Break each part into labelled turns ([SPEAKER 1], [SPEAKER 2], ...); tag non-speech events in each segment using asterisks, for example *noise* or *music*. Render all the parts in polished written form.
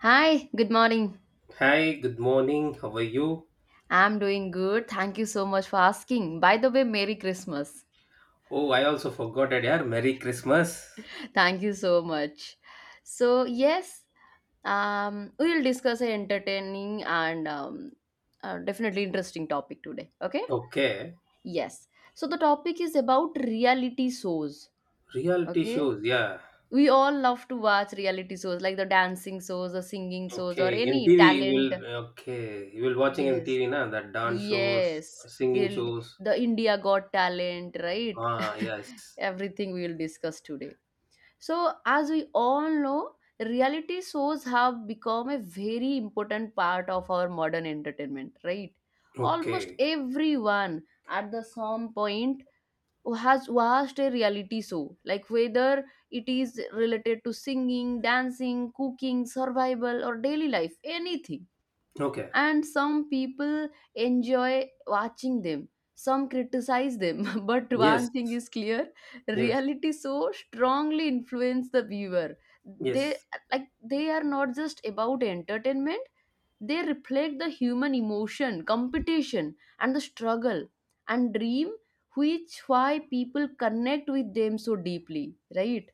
[SPEAKER 1] Hi, good morning.
[SPEAKER 2] Hi, good morning. How are you?
[SPEAKER 1] I'm doing good. Thank you so much for asking. By the way, Merry Christmas.
[SPEAKER 2] Oh, I also forgot it. Yeah, Merry Christmas.
[SPEAKER 1] Thank you so much. So, yes, we will discuss an entertaining and definitely interesting topic today. Okay?
[SPEAKER 2] Okay,
[SPEAKER 1] Yes. So, the topic is about reality shows.
[SPEAKER 2] reality
[SPEAKER 1] Okay?
[SPEAKER 2] shows. Yeah.
[SPEAKER 1] We all love to watch reality shows like the dancing shows, the singing shows, or
[SPEAKER 2] Okay, in
[SPEAKER 1] any
[SPEAKER 2] TV you
[SPEAKER 1] talent.
[SPEAKER 2] will. Okay, you will watching in
[SPEAKER 1] Yes,
[SPEAKER 2] TV now that dance shows,
[SPEAKER 1] yes,
[SPEAKER 2] singing
[SPEAKER 1] they
[SPEAKER 2] shows.
[SPEAKER 1] the India Got Talent, right?
[SPEAKER 2] Ah,
[SPEAKER 1] *laughs*
[SPEAKER 2] yes.
[SPEAKER 1] Everything we will discuss today. So, as we all know, reality shows have become a very important part of our modern entertainment, right? Almost
[SPEAKER 2] Okay.
[SPEAKER 1] everyone at the some point has watched a reality show, like whether it is related to singing, dancing, cooking, survival, or daily life, anything.
[SPEAKER 2] Okay.
[SPEAKER 1] And some people enjoy watching them, some criticize them, *laughs* but one
[SPEAKER 2] Yes.
[SPEAKER 1] thing is clear:
[SPEAKER 2] Yes.
[SPEAKER 1] reality so strongly influence the viewer. They,
[SPEAKER 2] Yes.
[SPEAKER 1] like, they are not just about entertainment, they reflect the human emotion, competition, and the struggle and dream, which why people connect with them so deeply, right?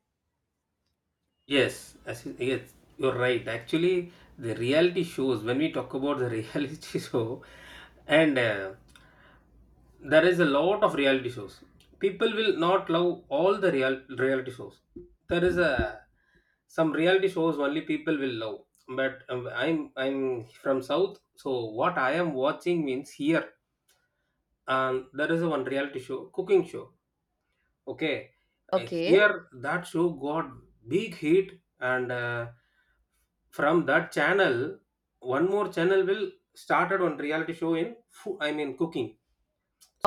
[SPEAKER 2] Yes. Yes. You're right. Actually, the reality shows. When we talk about the *laughs* reality show, and there is a lot of reality shows, people will not love all the real reality shows. There is a, some reality shows only people will love. But I'm from south, so what I am watching means here, and there is one reality show, cooking show. Okay.
[SPEAKER 1] Okay,
[SPEAKER 2] Here that show got big hit, and from that channel one more channel will started one reality show in cooking.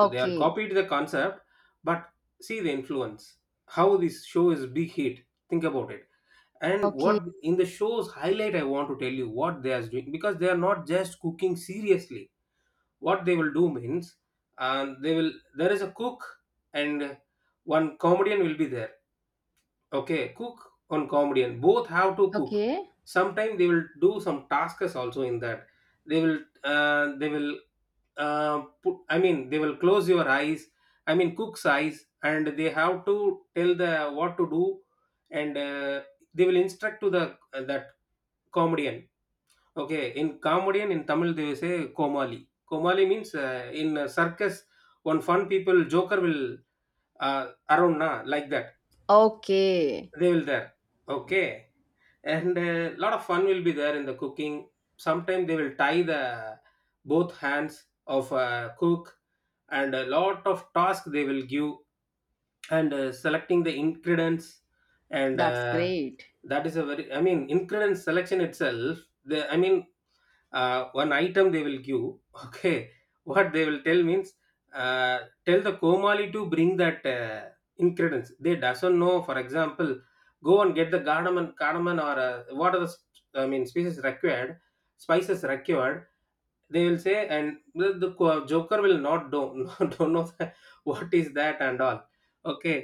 [SPEAKER 2] So they are copied the concept, but see the influence. How this show is big hit. Think about it. And what
[SPEAKER 1] okay,
[SPEAKER 2] in the show's highlight, I want to tell you what they are doing, because they are not just cooking seriously. What they will do means, they will, there is a cook and one comedian will be there. Okay, cook, one comedian, both have to cook.
[SPEAKER 1] okay,
[SPEAKER 2] Sometimes they will do some tasks also in that. They will put, I mean, they will close your eyes. I mean, cook's eyes, and they have to tell the what to do, and they will instruct to the that comedian. Okay, in comedian in Tamil they will say komali. Komali means in a circus, one fun people joker will around na, like that.
[SPEAKER 1] okay.
[SPEAKER 2] They will there. Okay. And a lot of fun will be there in the cooking. Sometimes they will tie the both hands of a cook and a lot of task they will give, and selecting the ingredients, and
[SPEAKER 1] That's great.
[SPEAKER 2] that is a very, I mean, ingredient selection itself, the I mean one item they will give. *laughs* Okay, what they will tell means, uh, tell the komali to bring that ingredients they doesn't know. For example, go and get the cardamom, cardamom, or what are the species required, spices required, they will say. And the joker will not don't, *laughs* don't know that, what is that and all. Okay,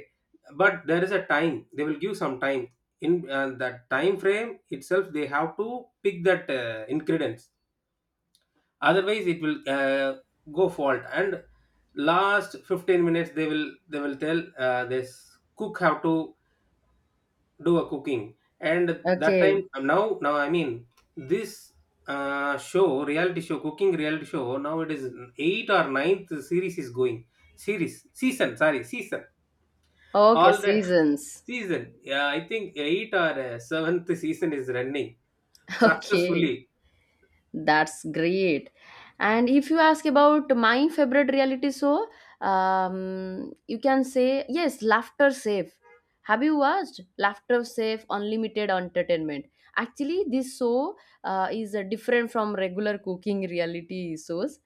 [SPEAKER 2] but there is a time, they will give some time, in that time frame itself they have to pick that ingredients, otherwise it will go fault. And last 15 minutes they will tell this cook how to do a cooking. And that
[SPEAKER 1] Okay.
[SPEAKER 2] time, now now I mean this show, reality show, cooking reality show, now it is 8 or ninth series is going, series, season, sorry, season.
[SPEAKER 1] Oh, okay,
[SPEAKER 2] All the
[SPEAKER 1] seasons.
[SPEAKER 2] season, yeah, I think 8 or 7th season is running
[SPEAKER 1] *laughs* Okay.
[SPEAKER 2] successfully.
[SPEAKER 1] That's great. And if you ask about my favorite reality show, you can say yes, Laughter Safe. Have you watched Laughter Safe Unlimited Entertainment? Actually, this show is different from regular cooking reality shows,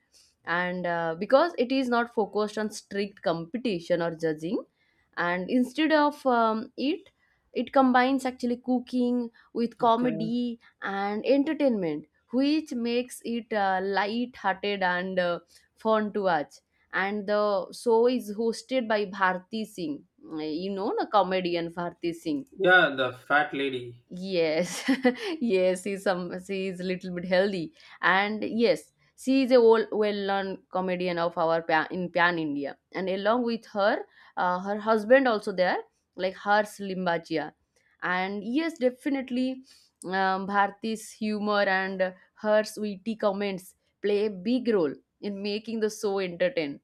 [SPEAKER 1] and because it is not focused on strict competition or judging, and instead of it combines actually cooking with
[SPEAKER 2] Okay.
[SPEAKER 1] comedy and entertainment, which makes it light-hearted and fun to watch. And the show is hosted by Bharti Singh, you know, the comedian Bharti Singh.
[SPEAKER 2] Yeah, the fat lady.
[SPEAKER 1] Yes, *laughs* yes, she's a little bit healthy, and yes, she is a well-known comedian of our in Pan India, and along with her, her husband also there, like Harsh Limbachia. And yes, definitely, Bharti's humor and her witty comments play a big role in making the show entertain.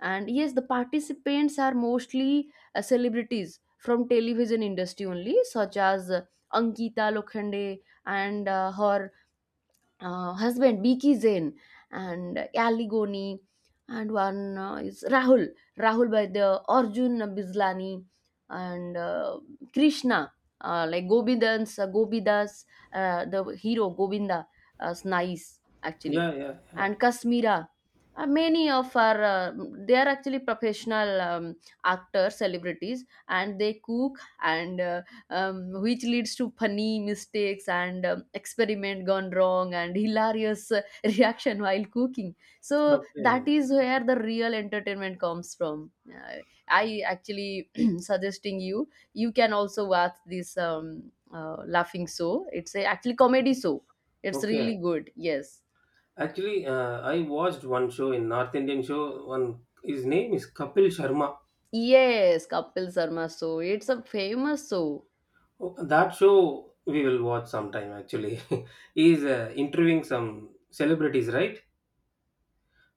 [SPEAKER 1] And yes, the participants are mostly celebrities from television industry only, such as Ankita Lokhande and her husband Biki Zain, and Ali Goni, and one is Rahul by the Arjun Bislani, and Krishna, like Gobindans, Gobidas, the hero Govinda, is nice actually,
[SPEAKER 2] Yeah, yeah, yeah.
[SPEAKER 1] and Kasmira, many of our, they are actually professional, actors, celebrities, and they cook, and which leads to funny mistakes and experiment gone wrong and hilarious *laughs* reaction while cooking. So that
[SPEAKER 2] Okay.
[SPEAKER 1] is where the real entertainment comes from. I actually *clears throat* suggesting you can also watch this laughing show. It's a actually comedy show. It's
[SPEAKER 2] Okay,
[SPEAKER 1] really good. Yes.
[SPEAKER 2] actually, I watched one show in North Indian show. One his name is Kapil Sharma.
[SPEAKER 1] Yes, Kapil Sharma show. It's a famous show.
[SPEAKER 2] Oh, that show we will watch sometime. Actually, *laughs* he is interviewing some celebrities, right?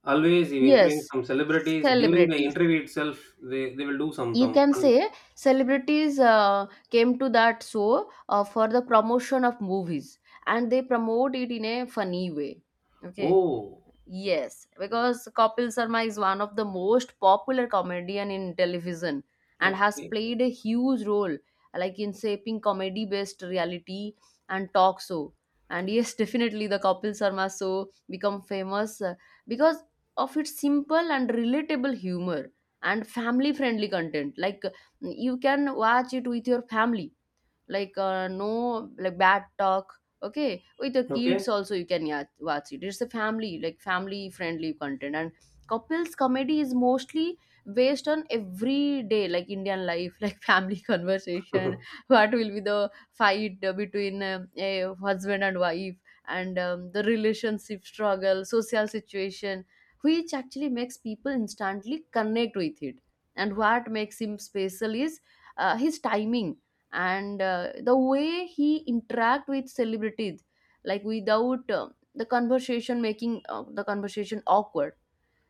[SPEAKER 2] Always he interviewing
[SPEAKER 1] Yes,
[SPEAKER 2] some celebrities. During the
[SPEAKER 1] celebrities.
[SPEAKER 2] interview itself, they will do
[SPEAKER 1] You
[SPEAKER 2] some
[SPEAKER 1] can
[SPEAKER 2] fun.
[SPEAKER 1] say celebrities came to that show for the promotion of movies, and they promote it in a funny way. Okay.
[SPEAKER 2] Oh,
[SPEAKER 1] Yes, because Kapil Sharma is one of the most popular comedian in television and has
[SPEAKER 2] okay,
[SPEAKER 1] played a huge role like in shaping comedy based reality and talk show. And yes, *laughs* definitely the Kapil Sharma show become famous because of its simple and relatable humor and family friendly content. Like you can watch it with your family, like no like bad talk, okay, with the
[SPEAKER 2] okay,
[SPEAKER 1] kids also you can, yeah, watch it. It's a family, like family friendly content, and couples comedy is mostly based on everyday like indian life *laughs* like family conversation.
[SPEAKER 2] *laughs*
[SPEAKER 1] What will be the fight between a husband and wife, and the relationship struggle, social situation, which actually makes people instantly connect with it. And what makes him special is his timing, and the way he interact with celebrities, like without the conversation making the conversation awkward.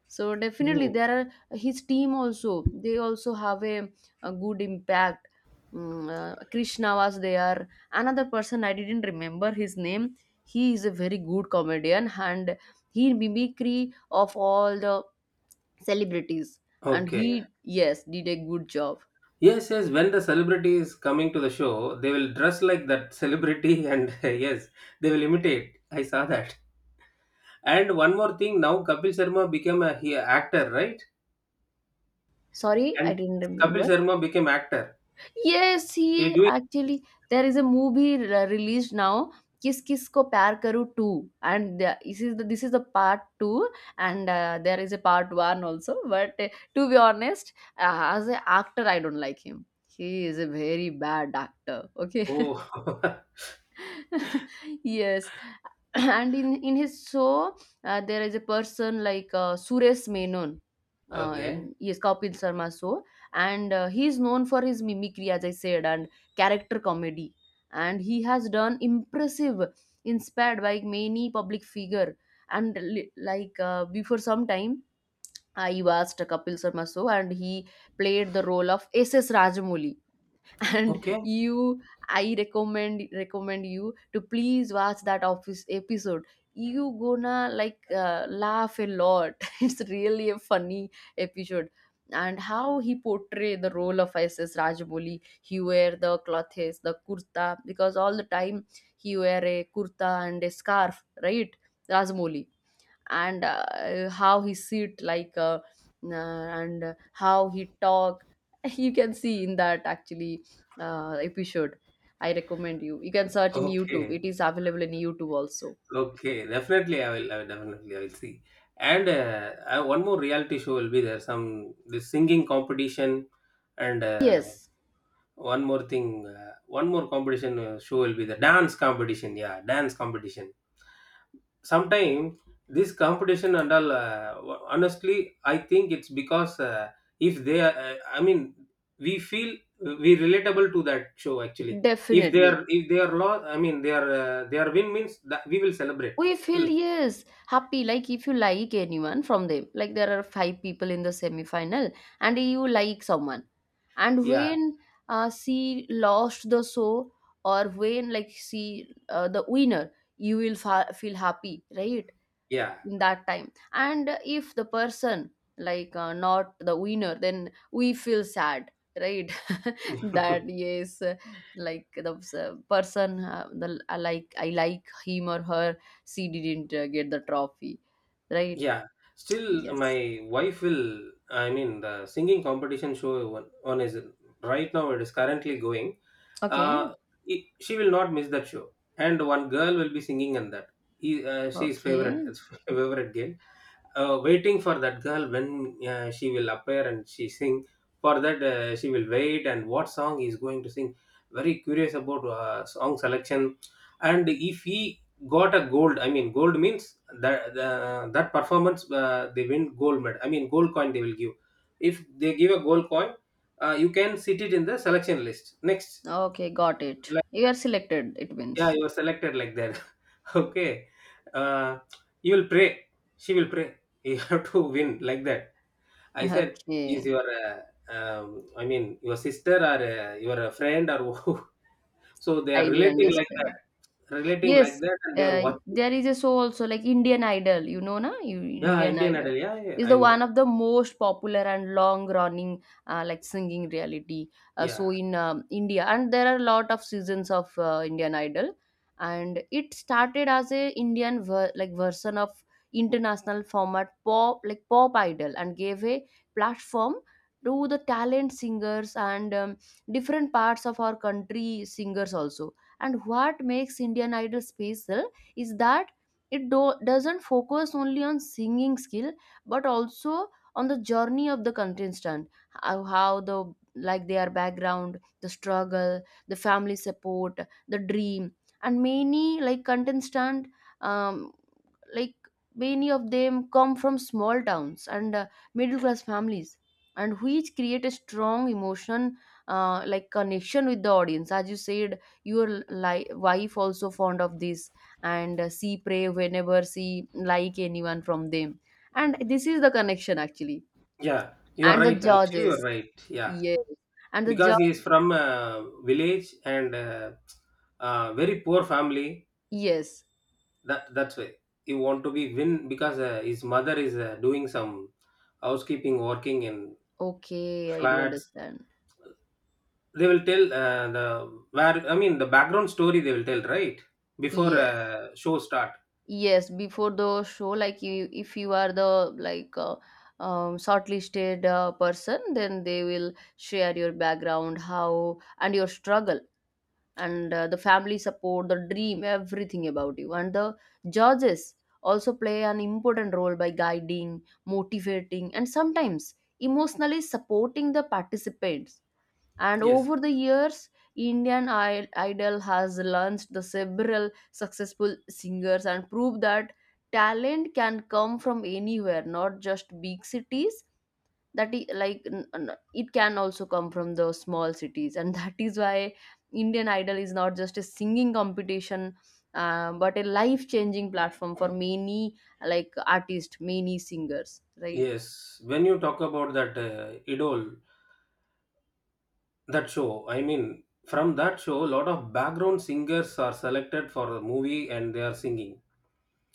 [SPEAKER 1] So definitely
[SPEAKER 2] oh,
[SPEAKER 1] there are his team also, they also have a good impact. Krishna was there, another person I didn't remember his name, he is a very good comedian, and he mimicry of all the celebrities, and
[SPEAKER 2] okay.
[SPEAKER 1] he, yes, did a good job.
[SPEAKER 2] Yes, yes. When the celebrity is coming to the show, they will dress like that celebrity, *laughs* and yes, they will imitate. I saw that. And one more thing, now Kapil Sharma became a he actor, right?
[SPEAKER 1] Sorry, I
[SPEAKER 2] And
[SPEAKER 1] didn't
[SPEAKER 2] Kapil
[SPEAKER 1] remember.
[SPEAKER 2] Sharma became actor.
[SPEAKER 1] Yes,
[SPEAKER 2] He
[SPEAKER 1] he
[SPEAKER 2] doing.
[SPEAKER 1] actually, there is a movie released now, Kiss Kiss Ko Pyar Karu 2, and this is the part 2, and there is a part 1 also. But to be honest, as an actor, I don't like him. He is a very bad actor. Okay,
[SPEAKER 2] Oh. *laughs*
[SPEAKER 1] *laughs* yes, *clears throat* and in his show, there is a person like Suresh Menon, uh,
[SPEAKER 2] Okay,
[SPEAKER 1] yes, Kapil Sharma, so, and he is known for his mimicry as I said, and character comedy, and he has done impressive, inspired by many public figure. And like before some time I watched a Kapil Sharma show, and he played the role of SS Rajamouli, *laughs* and
[SPEAKER 2] okay,
[SPEAKER 1] you, I recommend you to please watch that office episode. You gonna like laugh a lot, *laughs* it's really a funny episode. And how he portrayed the role of SS Rajaboli. He wear the clothes, the kurta, because all the time he wear a kurta and a scarf, right? Rajamoli, and how he sit like uh, and how he talk, *laughs* you can see in that actually episode. I recommend you can search in YouTube,
[SPEAKER 2] okay,
[SPEAKER 1] it is available in YouTube also.
[SPEAKER 2] okay, definitely I will, I will, definitely I will see. One more reality show will be there. Some this singing competition, and
[SPEAKER 1] Yes,
[SPEAKER 2] one more thing, one more competition show will be the dance competition. Yeah, dance competition. Sometimes this competition and all, honestly, I think it's because, if they are I mean we feel we relatable to that show actually. If they
[SPEAKER 1] definitely.
[SPEAKER 2] are, if they are lost, I mean, they are, they are win means, that we will celebrate.
[SPEAKER 1] We feel, yes, happy like if you like anyone from them, like there are five people in the semi-final and you like someone, and
[SPEAKER 2] *laughs* Yeah,
[SPEAKER 1] when she lost the show, or when like she, the winner, you will feel happy, right?
[SPEAKER 2] yeah.
[SPEAKER 1] In that time. And if the person, like not the winner, then we feel sad, right? That,
[SPEAKER 2] *laughs*
[SPEAKER 1] yes, like the, person, the I like him or her, she didn't get the trophy, right?
[SPEAKER 2] Yeah, still
[SPEAKER 1] Yes.
[SPEAKER 2] my wife will, I mean, the singing competition show, one, one is right now. It is currently going.
[SPEAKER 1] Okay.
[SPEAKER 2] Uh, it, she will not miss that show. And one girl will be singing in that. He, she's
[SPEAKER 1] Okay,
[SPEAKER 2] favorite *laughs* favorite girl. Waiting for that girl when she will appear and she sing. For that, she will wait, and what song he is going to sing. Very curious about song selection. And if he got a gold, I mean, gold means that the, that performance, they win gold medal, I mean, gold coin they will give. If they give a gold coin, you can sit it in the selection list next.
[SPEAKER 1] okay, got it,
[SPEAKER 2] Like,
[SPEAKER 1] you are selected it
[SPEAKER 2] yeah,
[SPEAKER 1] means.
[SPEAKER 2] you are selected, like that. *laughs* Okay, uh, you will pray, she will pray, you *laughs* have to win, like that, I said.
[SPEAKER 1] *laughs*
[SPEAKER 2] Is
[SPEAKER 1] Okay,
[SPEAKER 2] your your sister or your friend, or who. *laughs* So they are
[SPEAKER 1] I do
[SPEAKER 2] relating like that,
[SPEAKER 1] understand.
[SPEAKER 2] relating like
[SPEAKER 1] Yes,
[SPEAKER 2] that, and they are watching.
[SPEAKER 1] there is a show also like Indian Idol, you know, na? You,
[SPEAKER 2] Yeah,
[SPEAKER 1] Indian
[SPEAKER 2] Indian
[SPEAKER 1] Idol
[SPEAKER 2] Idol, yeah, yeah,
[SPEAKER 1] is
[SPEAKER 2] I
[SPEAKER 1] the one
[SPEAKER 2] know.
[SPEAKER 1] of the most popular and long running like singing reality show
[SPEAKER 2] Yeah,
[SPEAKER 1] in India, and there are a lot of seasons of Indian Idol, and it started as a Indian like version of international format pop like pop idol, and gave a platform to the talent singers and different parts of our country singers also. And what makes indian idol special is that it doesn't focus only on singing skill, but also on the journey of the contestant, how the, like, their background, the struggle, the family support, the dream, and many like contestant, um, like many of them come from small towns and middle class families, and which create a strong emotion like connection with the audience, as you said your wife also fond of this, and she pray whenever she like anyone from them, and this is the connection actually.
[SPEAKER 2] yeah, you're
[SPEAKER 1] And
[SPEAKER 2] right.
[SPEAKER 1] the
[SPEAKER 2] Actually, you're
[SPEAKER 1] judges,
[SPEAKER 2] right. Yeah,
[SPEAKER 1] yes, and the
[SPEAKER 2] because he is
[SPEAKER 1] judge.
[SPEAKER 2] from a village and very poor family.
[SPEAKER 1] Yes.
[SPEAKER 2] That, that's why he want to be win, because his mother is doing some housekeeping, working in
[SPEAKER 1] Okay, I do
[SPEAKER 2] flats.
[SPEAKER 1] understand.
[SPEAKER 2] They will tell the where, I mean, the background story, they will tell, right, before
[SPEAKER 1] Yes.
[SPEAKER 2] show start.
[SPEAKER 1] Yes, before the show, like you, if you are the like shortlisted person, then they will share your background, how, and your struggle, and the family support, the dream, everything about you. And the judges also play an important role by guiding, motivating, and sometimes emotionally supporting the participants. And
[SPEAKER 2] Yes,
[SPEAKER 1] over the years, indian idol has launched the several successful singers and proved that talent can come from anywhere, not just big cities. That is like it can also come from the small cities, and *laughs* that is why indian idol is not just a singing competition, but a life changing platform for many, like artists, many singers, right?
[SPEAKER 2] yes. When you talk about that idol, that show, I mean, from that show a lot of background singers are selected for the movie and they are singing.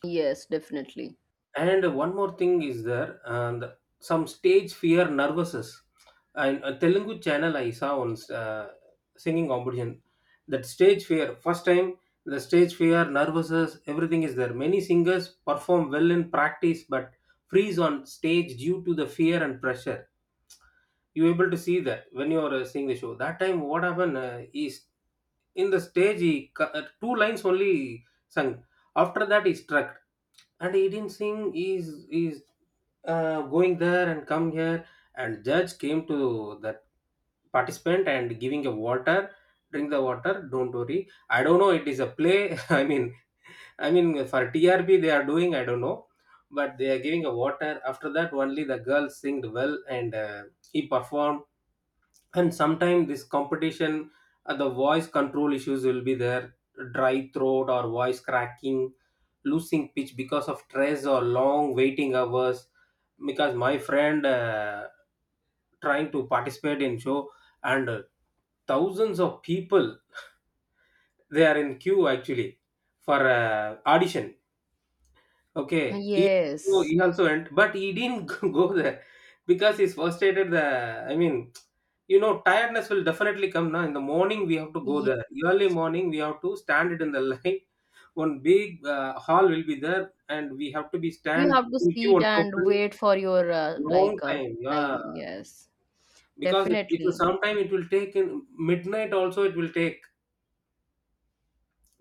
[SPEAKER 1] Yes, definitely.
[SPEAKER 2] And one more thing is there, and some stage fear, nervouses. And a Telugu channel I saw on uh, singing competition. That stage fear, first time, the stage fear nervouses everything is there. Many singers perform well in practice, but freeze on stage due to the fear and pressure. You able to see that when you are seeing the show. That time what happened is, in the stage he two lines only sung. After that he struck, and he didn't sing. He's going there and come here. And judge came to that participant and giving a water. Drink the water, don't worry. I don't know, it is a play. *laughs* I mean, I mean, for TRP they are doing, I don't know, but they are giving a water. After that only the girl singed well, and he performed. And sometimes this competition, the voice control issues will be there, dry throat or voice cracking, losing pitch because of stress or long waiting hours. Because my friend trying to participate in show, and thousands of people they are in queue actually, for audition. Okay, he, oh,
[SPEAKER 1] Yes.
[SPEAKER 2] he also went, but he didn't *laughs* go there, because he's frustrated. The, I mean, you know, tiredness will definitely come. Now, in the morning, we have to go there. Early morning, we have to stand it in the line. *laughs* One big hall will be there, and we have to be
[SPEAKER 1] You
[SPEAKER 2] stand.
[SPEAKER 1] have to
[SPEAKER 2] We give
[SPEAKER 1] sit
[SPEAKER 2] one
[SPEAKER 1] and
[SPEAKER 2] token,
[SPEAKER 1] wait for your like
[SPEAKER 2] long time. Yeah,
[SPEAKER 1] time. Yes,
[SPEAKER 2] because it will
[SPEAKER 1] definitely.
[SPEAKER 2] sometime it will take in midnight also. It will take,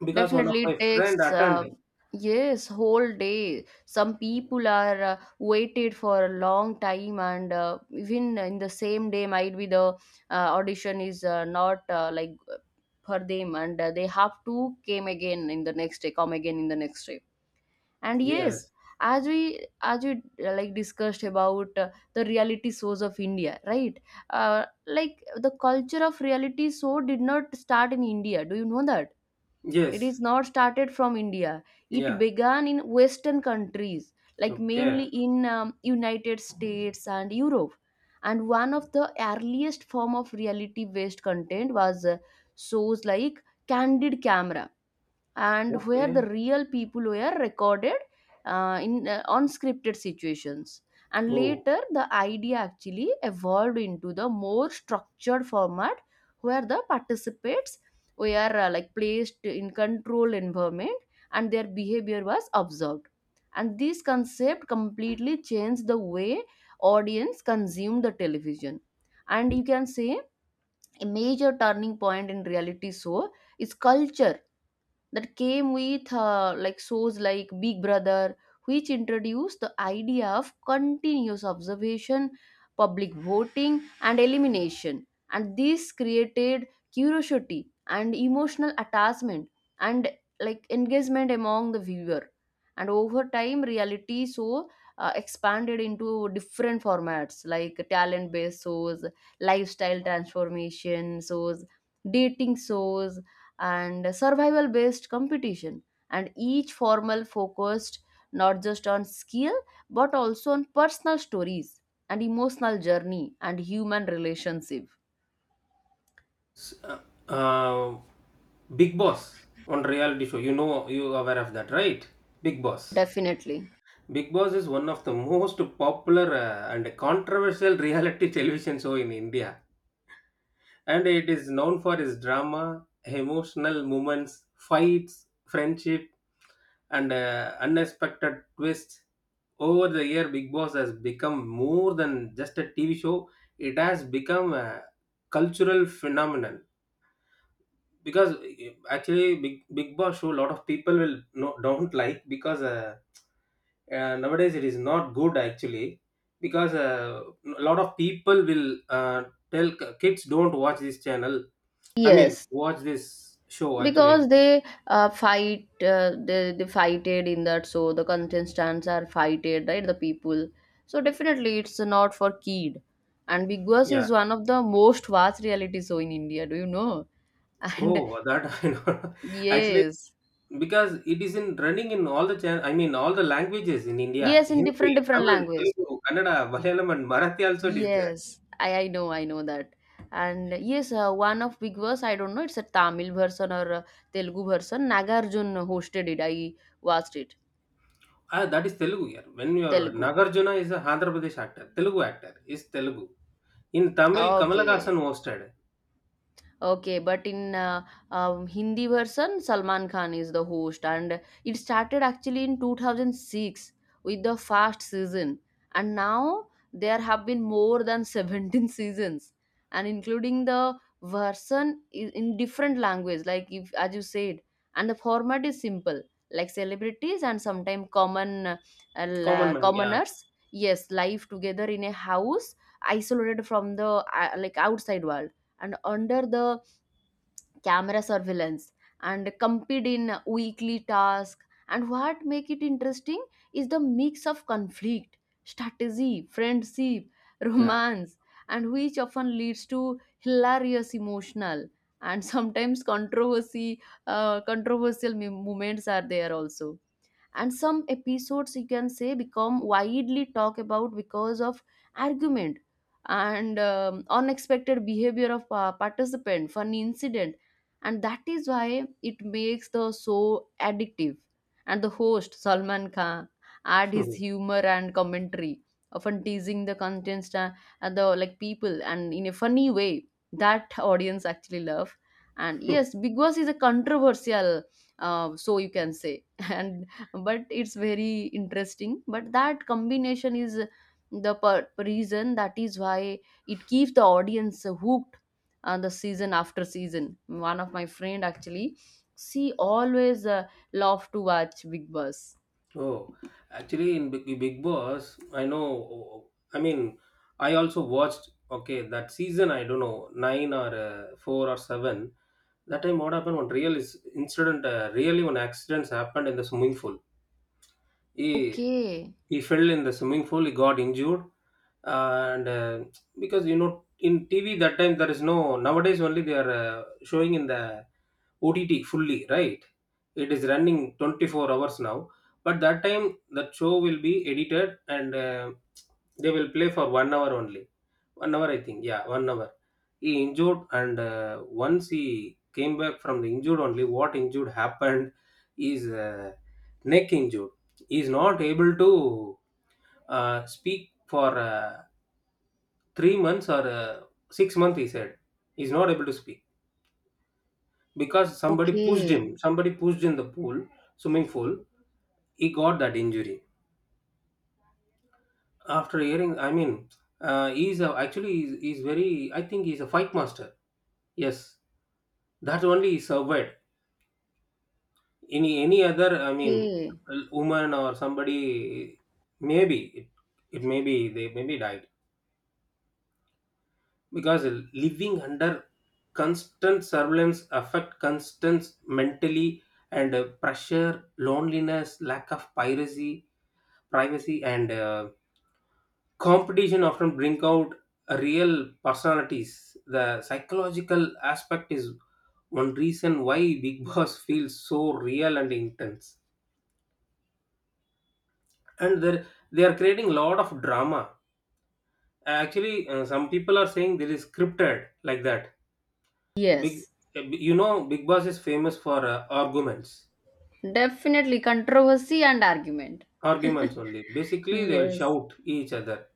[SPEAKER 2] because one of
[SPEAKER 1] Definitely
[SPEAKER 2] my
[SPEAKER 1] it
[SPEAKER 2] friend
[SPEAKER 1] takes
[SPEAKER 2] attended.
[SPEAKER 1] yes, whole day. Some people are waited for a long time, and even in the same day might be the audition is not like for them, and they have to came again in the next day, come again in the next day. And yes
[SPEAKER 2] Yes,
[SPEAKER 1] as we like discussed about the reality shows of India, right? uh, like, the culture of reality show did not start in India, do you know that? It is
[SPEAKER 2] yes,
[SPEAKER 1] not started from India. It
[SPEAKER 2] yeah.
[SPEAKER 1] began in western countries, like
[SPEAKER 2] Okay,
[SPEAKER 1] mainly in United States and Europe. And one of the earliest form of reality based content was shows like Candid Camera, and where
[SPEAKER 2] okay.
[SPEAKER 1] the real people were recorded in unscripted situations. And
[SPEAKER 2] Oh.
[SPEAKER 1] later the idea actually evolved into the more structured format where the participants were like placed in controlled environment and their behavior was observed. And this concept completely changed the way audience consumed the television. And you can say a major turning point in reality show is culture that came with like shows like Big Brother, which introduced the idea of continuous observation, public voting, and elimination. And this created curiosity and emotional attachment and like engagement among the viewer. And over time, reality show expanded into different formats like talent-based shows, lifestyle transformation shows, dating shows, and survival based competition. And each formal focused not just on skill but also on personal stories and emotional journey and human relationship.
[SPEAKER 2] uh, uh, Big Boss on reality show. You know, you are aware of that, right? Big Boss.
[SPEAKER 1] Definitely.
[SPEAKER 2] Big Boss is one of the most popular and controversial *laughs* reality television show in India, and it is known for its drama, emotional moments, fights, friendship, and unexpected twists. Over the year, Big Boss has become more than just a TV show. It has become a cultural phenomenon, because eh, actually, big, big boss show a lot of people will no, don't like, because nowadays it is not good actually, because a lot of people will tell, kids don't watch this channel, I mean,
[SPEAKER 1] Yes.
[SPEAKER 2] watch this show actually.
[SPEAKER 1] Because they fight, they fighted in that, so the contestants are fighted, right? The people. So definitely it's not for kid. And Big Boss
[SPEAKER 2] Yeah,
[SPEAKER 1] is one of the most vast reality show in India, do you know? *laughs* And
[SPEAKER 2] oh that, *laughs* I know, actually,
[SPEAKER 1] yes,
[SPEAKER 2] because it is in running in all the channel, I mean, all the languages in India.
[SPEAKER 1] yes, in
[SPEAKER 2] Hindi,
[SPEAKER 1] different, different
[SPEAKER 2] Tamil,
[SPEAKER 1] language.
[SPEAKER 2] Telugu, Kannada, Malayalam, and Marathi also it is there.
[SPEAKER 1] Yes, I know, I know that. And yes, one of Big Boss, I don't know, it's a Tamil version or a Telugu version. Nagarjun hosted it. I watched it.
[SPEAKER 2] Ah, that is Telugu here. When you are,
[SPEAKER 1] Telugu.
[SPEAKER 2] Nagarjuna is a Andhra Pradesh actor, Telugu actor is Telugu. In Tamil,
[SPEAKER 1] Okay.
[SPEAKER 2] Kamalakasan hosted.
[SPEAKER 1] Okay, but in Hindi version, Salman Khan is the host, and it started actually in 2006 with the first season, and now there have been more than 17 *laughs* seasons, and including the version in different language, like if as you said, and the format is simple, like celebrities and sometimes common
[SPEAKER 2] Common man, yeah,
[SPEAKER 1] commoners, yes, live together in a house isolated from the like outside world and under the camera surveillance and compete in weekly tasks. And what make it interesting is the mix of conflict, strategy, friendship, *laughs*
[SPEAKER 2] yeah.
[SPEAKER 1] romance, and which often leads to hilarious emotional and sometimes controversy, controversial moments are there also. And some episodes you can say become widely talked about because of argument and unexpected behavior of participant, funny incident, and that is why it makes the show addictive. And the host Salman Khan add his humor and commentary, often teasing the contents and the like people and in a funny way that audience actually love. And yes,
[SPEAKER 2] *laughs*
[SPEAKER 1] Big Boss is a controversial so you can say, *laughs* and but it's very interesting. But that combination is the reason that is why it keeps the audience hooked the season after season. One of my friend actually, she always love to watch Big Boss.
[SPEAKER 2] Oh, actually, in Big, Big Boss, I know, I mean, I also watched. Okay, that season I don't know, nine or four or seven. That time, what happened? One real is incident. Really, one accidents happened in the swimming pool. he
[SPEAKER 1] Okay.
[SPEAKER 2] he fell in the swimming pool, he got injured, and because you know, in TV that time there is no, nowadays only they are showing in the OTT fully, right. It is running 24 hours now, but that time, that show will be edited, and they will play for 1 hour only. 1 hour, I think. Yeah, 1 hour. He injured, and once he came back from the injured, only what injured happened is neck injured. He is not able to speak for 3 months or 6 months. He said he's not able to speak, because somebody pushed
[SPEAKER 1] Okay.
[SPEAKER 2] him. Somebody pushed in the pool, swimming pool. He got that injury. After hearing, I mean, actually he's very, I think he's a fight master. Yes. That only is survived. Any other, I mean,
[SPEAKER 1] Okay.
[SPEAKER 2] woman or somebody, maybe it, it may be they maybe died, because living under constant surveillance affect constant mentally and pressure, loneliness, lack of piracy, privacy, and competition, often bring out real personalities. The psychological aspect is one reason why Big Boss *laughs* feels so real and intense. And they are creating a lot of drama actually. Some people are saying there is scripted, like that. Big,
[SPEAKER 1] Yes.
[SPEAKER 2] uh, you know, Big Boss is famous for arguments.
[SPEAKER 1] Definitely controversy and argument.
[SPEAKER 2] Arguments, only basically they will
[SPEAKER 1] Yes.
[SPEAKER 2] shout each other,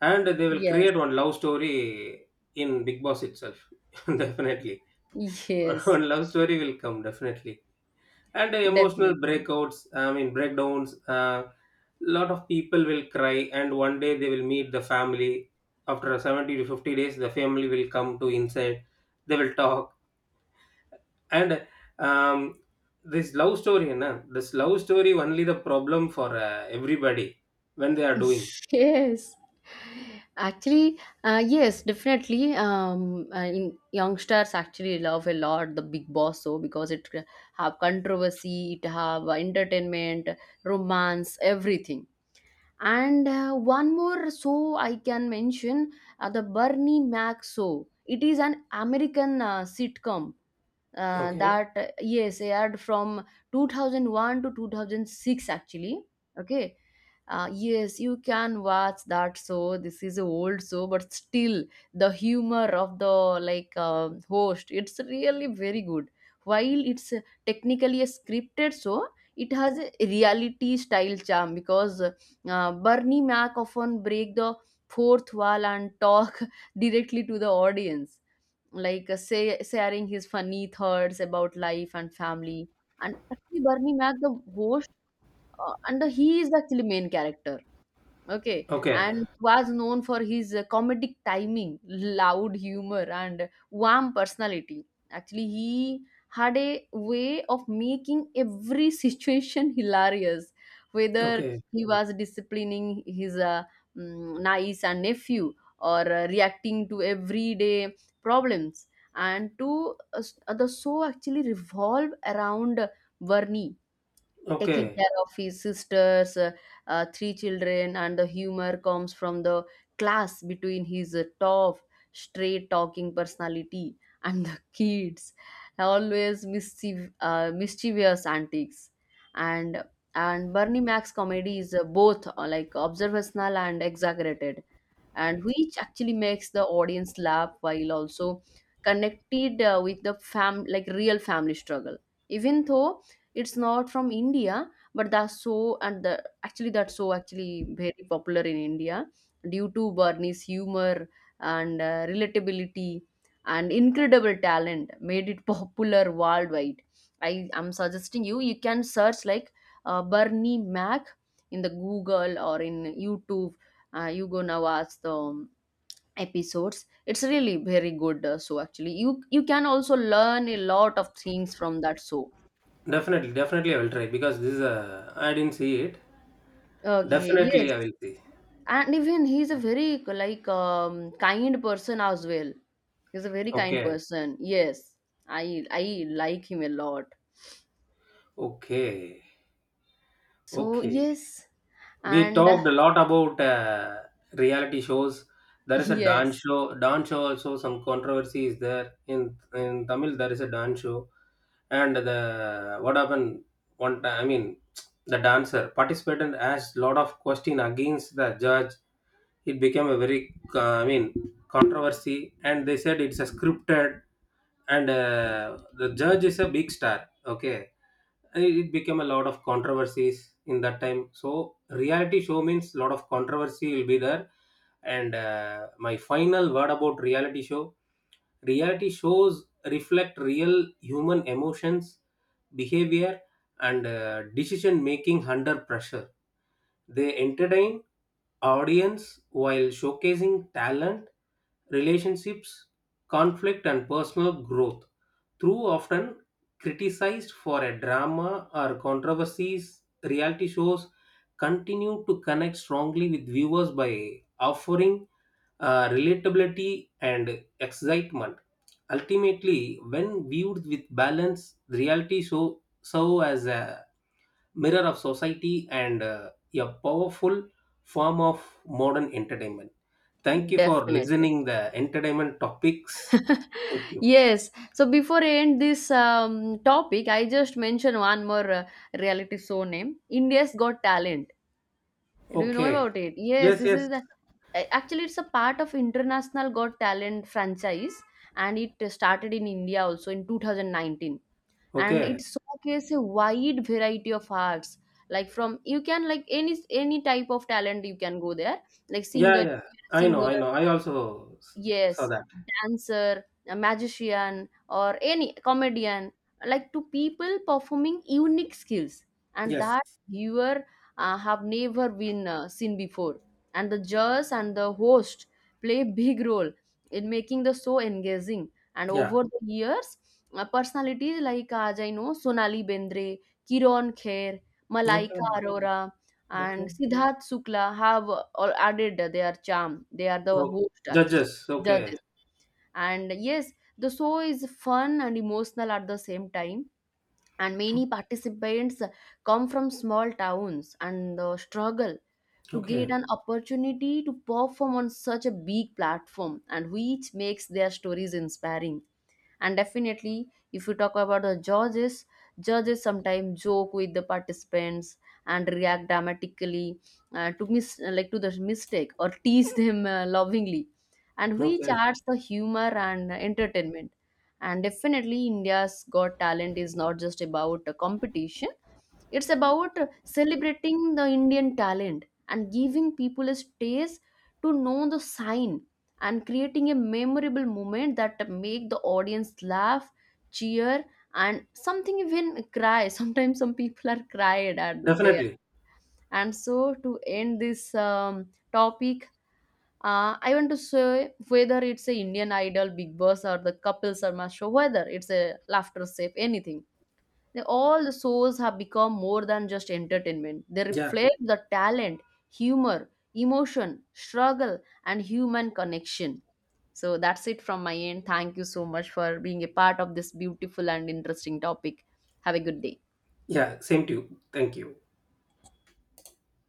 [SPEAKER 2] and they will
[SPEAKER 1] Yes.
[SPEAKER 2] create one love story in Big Boss itself. *laughs* Definitely, *laughs*
[SPEAKER 1] Yes.
[SPEAKER 2] one love story will come definitely. And emotional
[SPEAKER 1] Definitely.
[SPEAKER 2] breakouts, I mean, breakdowns. A lot of people will cry, and one day they will meet the family. After 70 to 50 days, the family will come to inside, they will talk. And, um, this love story na, this love story only the problem for everybody when they are doing.
[SPEAKER 1] Yes. Actually, yes, definitely. In youngsters actually love a lot the Big Boss show because it have controversy, it have entertainment, romance, everything. And one more show I can mention, the Bernie Mac show. It is an American sitcom
[SPEAKER 2] Okay,
[SPEAKER 1] that yes aired from 2001 to 2006 actually. Okay. Uh, yes, you can watch that show. This is a old show, but still the humor of the like host, it's really very good. While it's technically a scripted show, it has a reality style charm because Bernie Mac often break the fourth wall and talk *laughs* directly to the audience, like say, sharing his funny thoughts about life and family. And actually, Bernie Mac, the host, and he is actually main character. Okay,
[SPEAKER 2] okay,
[SPEAKER 1] and was known for his comedic timing, loud humor, and warm personality. Actually, he had a way of making every situation *laughs* hilarious, whether
[SPEAKER 2] okay,
[SPEAKER 1] he was disciplining his niece and nephew or reacting to everyday problems. And to the show actually revolve around Varney taking
[SPEAKER 2] okay,
[SPEAKER 1] care of his sisters, three children, and the humor comes from the class between his tough, straight talking personality and the *laughs* kids. Always mischief, mischievous antics. And Bernie Mac's comedy is both like observational and exaggerated, and which actually makes the audience laugh while also connected with the fam like real family struggle. Even though it's not from India, but that's so and the actually that's so actually very popular in India due to Barney's humor and relatability and incredible talent made it *laughs* popular worldwide. I am suggesting you, you can search like Bernie Mac in the Google or in YouTube. You gonna watch the episodes. It's really very good. So actually, you can also learn a lot of things from that show.
[SPEAKER 2] definitely, definitely I will try, because this is a, I didn't see it.
[SPEAKER 1] Okay.
[SPEAKER 2] Definitely
[SPEAKER 1] Yes.
[SPEAKER 2] I will see.
[SPEAKER 1] And even he's a very like kind person as well. He's a very kind
[SPEAKER 2] Okay,
[SPEAKER 1] person, yes. I like him a lot.
[SPEAKER 2] okay,
[SPEAKER 1] So
[SPEAKER 2] okay.
[SPEAKER 1] yes.
[SPEAKER 2] We
[SPEAKER 1] And *laughs*
[SPEAKER 2] talked a lot about reality shows. There is a
[SPEAKER 1] yes,
[SPEAKER 2] dance show, dance show also some controversy is there, in Tamil there is a dance show. And the, what happened, one time, I mean, the dancer participant asked lot of question against the judge. It became a very, I mean, controversy, and they said it's a scripted, and the judge is a big star. Okay. It became a lot of controversies in that time. So reality show means lot of controversy will be there. And my final word about reality show. Reality shows reflect real human emotions, behavior, and decision making under pressure. They entertain audience while showcasing talent, relationships, conflict, and personal growth. Through often criticized for a drama or controversies, reality shows continue to connect strongly with viewers by offering relatability, and excitement. Ultimately, when viewed with balance, the reality show serve as a mirror of society, and a powerful form of modern entertainment. Thank you for
[SPEAKER 1] definitely.
[SPEAKER 2] listening the entertainment topics. Thank you.
[SPEAKER 1] Yes, so before I end this topic, I just mention one more reality show name, India's Got Talent. Do you know
[SPEAKER 2] Okay.
[SPEAKER 1] about it? Yes,
[SPEAKER 2] Yes,
[SPEAKER 1] this
[SPEAKER 2] yes.
[SPEAKER 1] is the actually it's a part of international Got Talent franchise. And it started in India also in 2019. And it
[SPEAKER 2] Okay.
[SPEAKER 1] showcases a wide variety of arts, like from you can like any type of talent you can go there, like
[SPEAKER 2] Yeah,
[SPEAKER 1] singer,
[SPEAKER 2] yeah, I know, I
[SPEAKER 1] singer,
[SPEAKER 2] know. Saw
[SPEAKER 1] yes,
[SPEAKER 2] that.
[SPEAKER 1] dancer, a magician, or any comedian, like to people performing unique skills and that
[SPEAKER 2] Yes.
[SPEAKER 1] viewer have never been seen before. And the judge and the host play *laughs* big role in making the show engaging. And
[SPEAKER 2] Yeah.
[SPEAKER 1] over the years personalities like, as I know, Sonali Bendre, Kiran Kher, Malaika
[SPEAKER 2] Okay.
[SPEAKER 1] Arora, and
[SPEAKER 2] Okay.
[SPEAKER 1] Siddharth Shukla have all added their charm. They are the
[SPEAKER 2] Okay.
[SPEAKER 1] host actually.
[SPEAKER 2] Judges. Okay.
[SPEAKER 1] Judges. And yes, the show is fun and emotional at the same time. And many participants come from small towns and struggle to get
[SPEAKER 2] Okay.
[SPEAKER 1] an opportunity to perform on such a big platform, and which makes their stories inspiring. And definitely, if you talk about the judges, judges sometimes joke with the participants and react dramatically like to the mistake or tease them lovingly, and which
[SPEAKER 2] Okay.
[SPEAKER 1] adds the humor and entertainment. And definitely India's Got Talent is not just about a competition, it's about celebrating the Indian talent and giving people a stage to know the sign and creating a memorable moment that make the audience laugh, cheer, and something even cry. *laughs* Sometimes some people are cried at there.
[SPEAKER 2] Definitely.
[SPEAKER 1] And so to end this topic, I want to say, whether it's a Indian Idol, Big Boss, or the Couple Sharma Show, whether it's a Laughter Safe, anything, they, all the shows have become more than just entertainment. They
[SPEAKER 2] Yeah.
[SPEAKER 1] reflect the talent, humor, emotion, struggle, and human connection. So that's it from my end. Thank you so much for being a part of this beautiful and interesting topic. Have a good day.
[SPEAKER 2] Yeah, same to you. Thank you.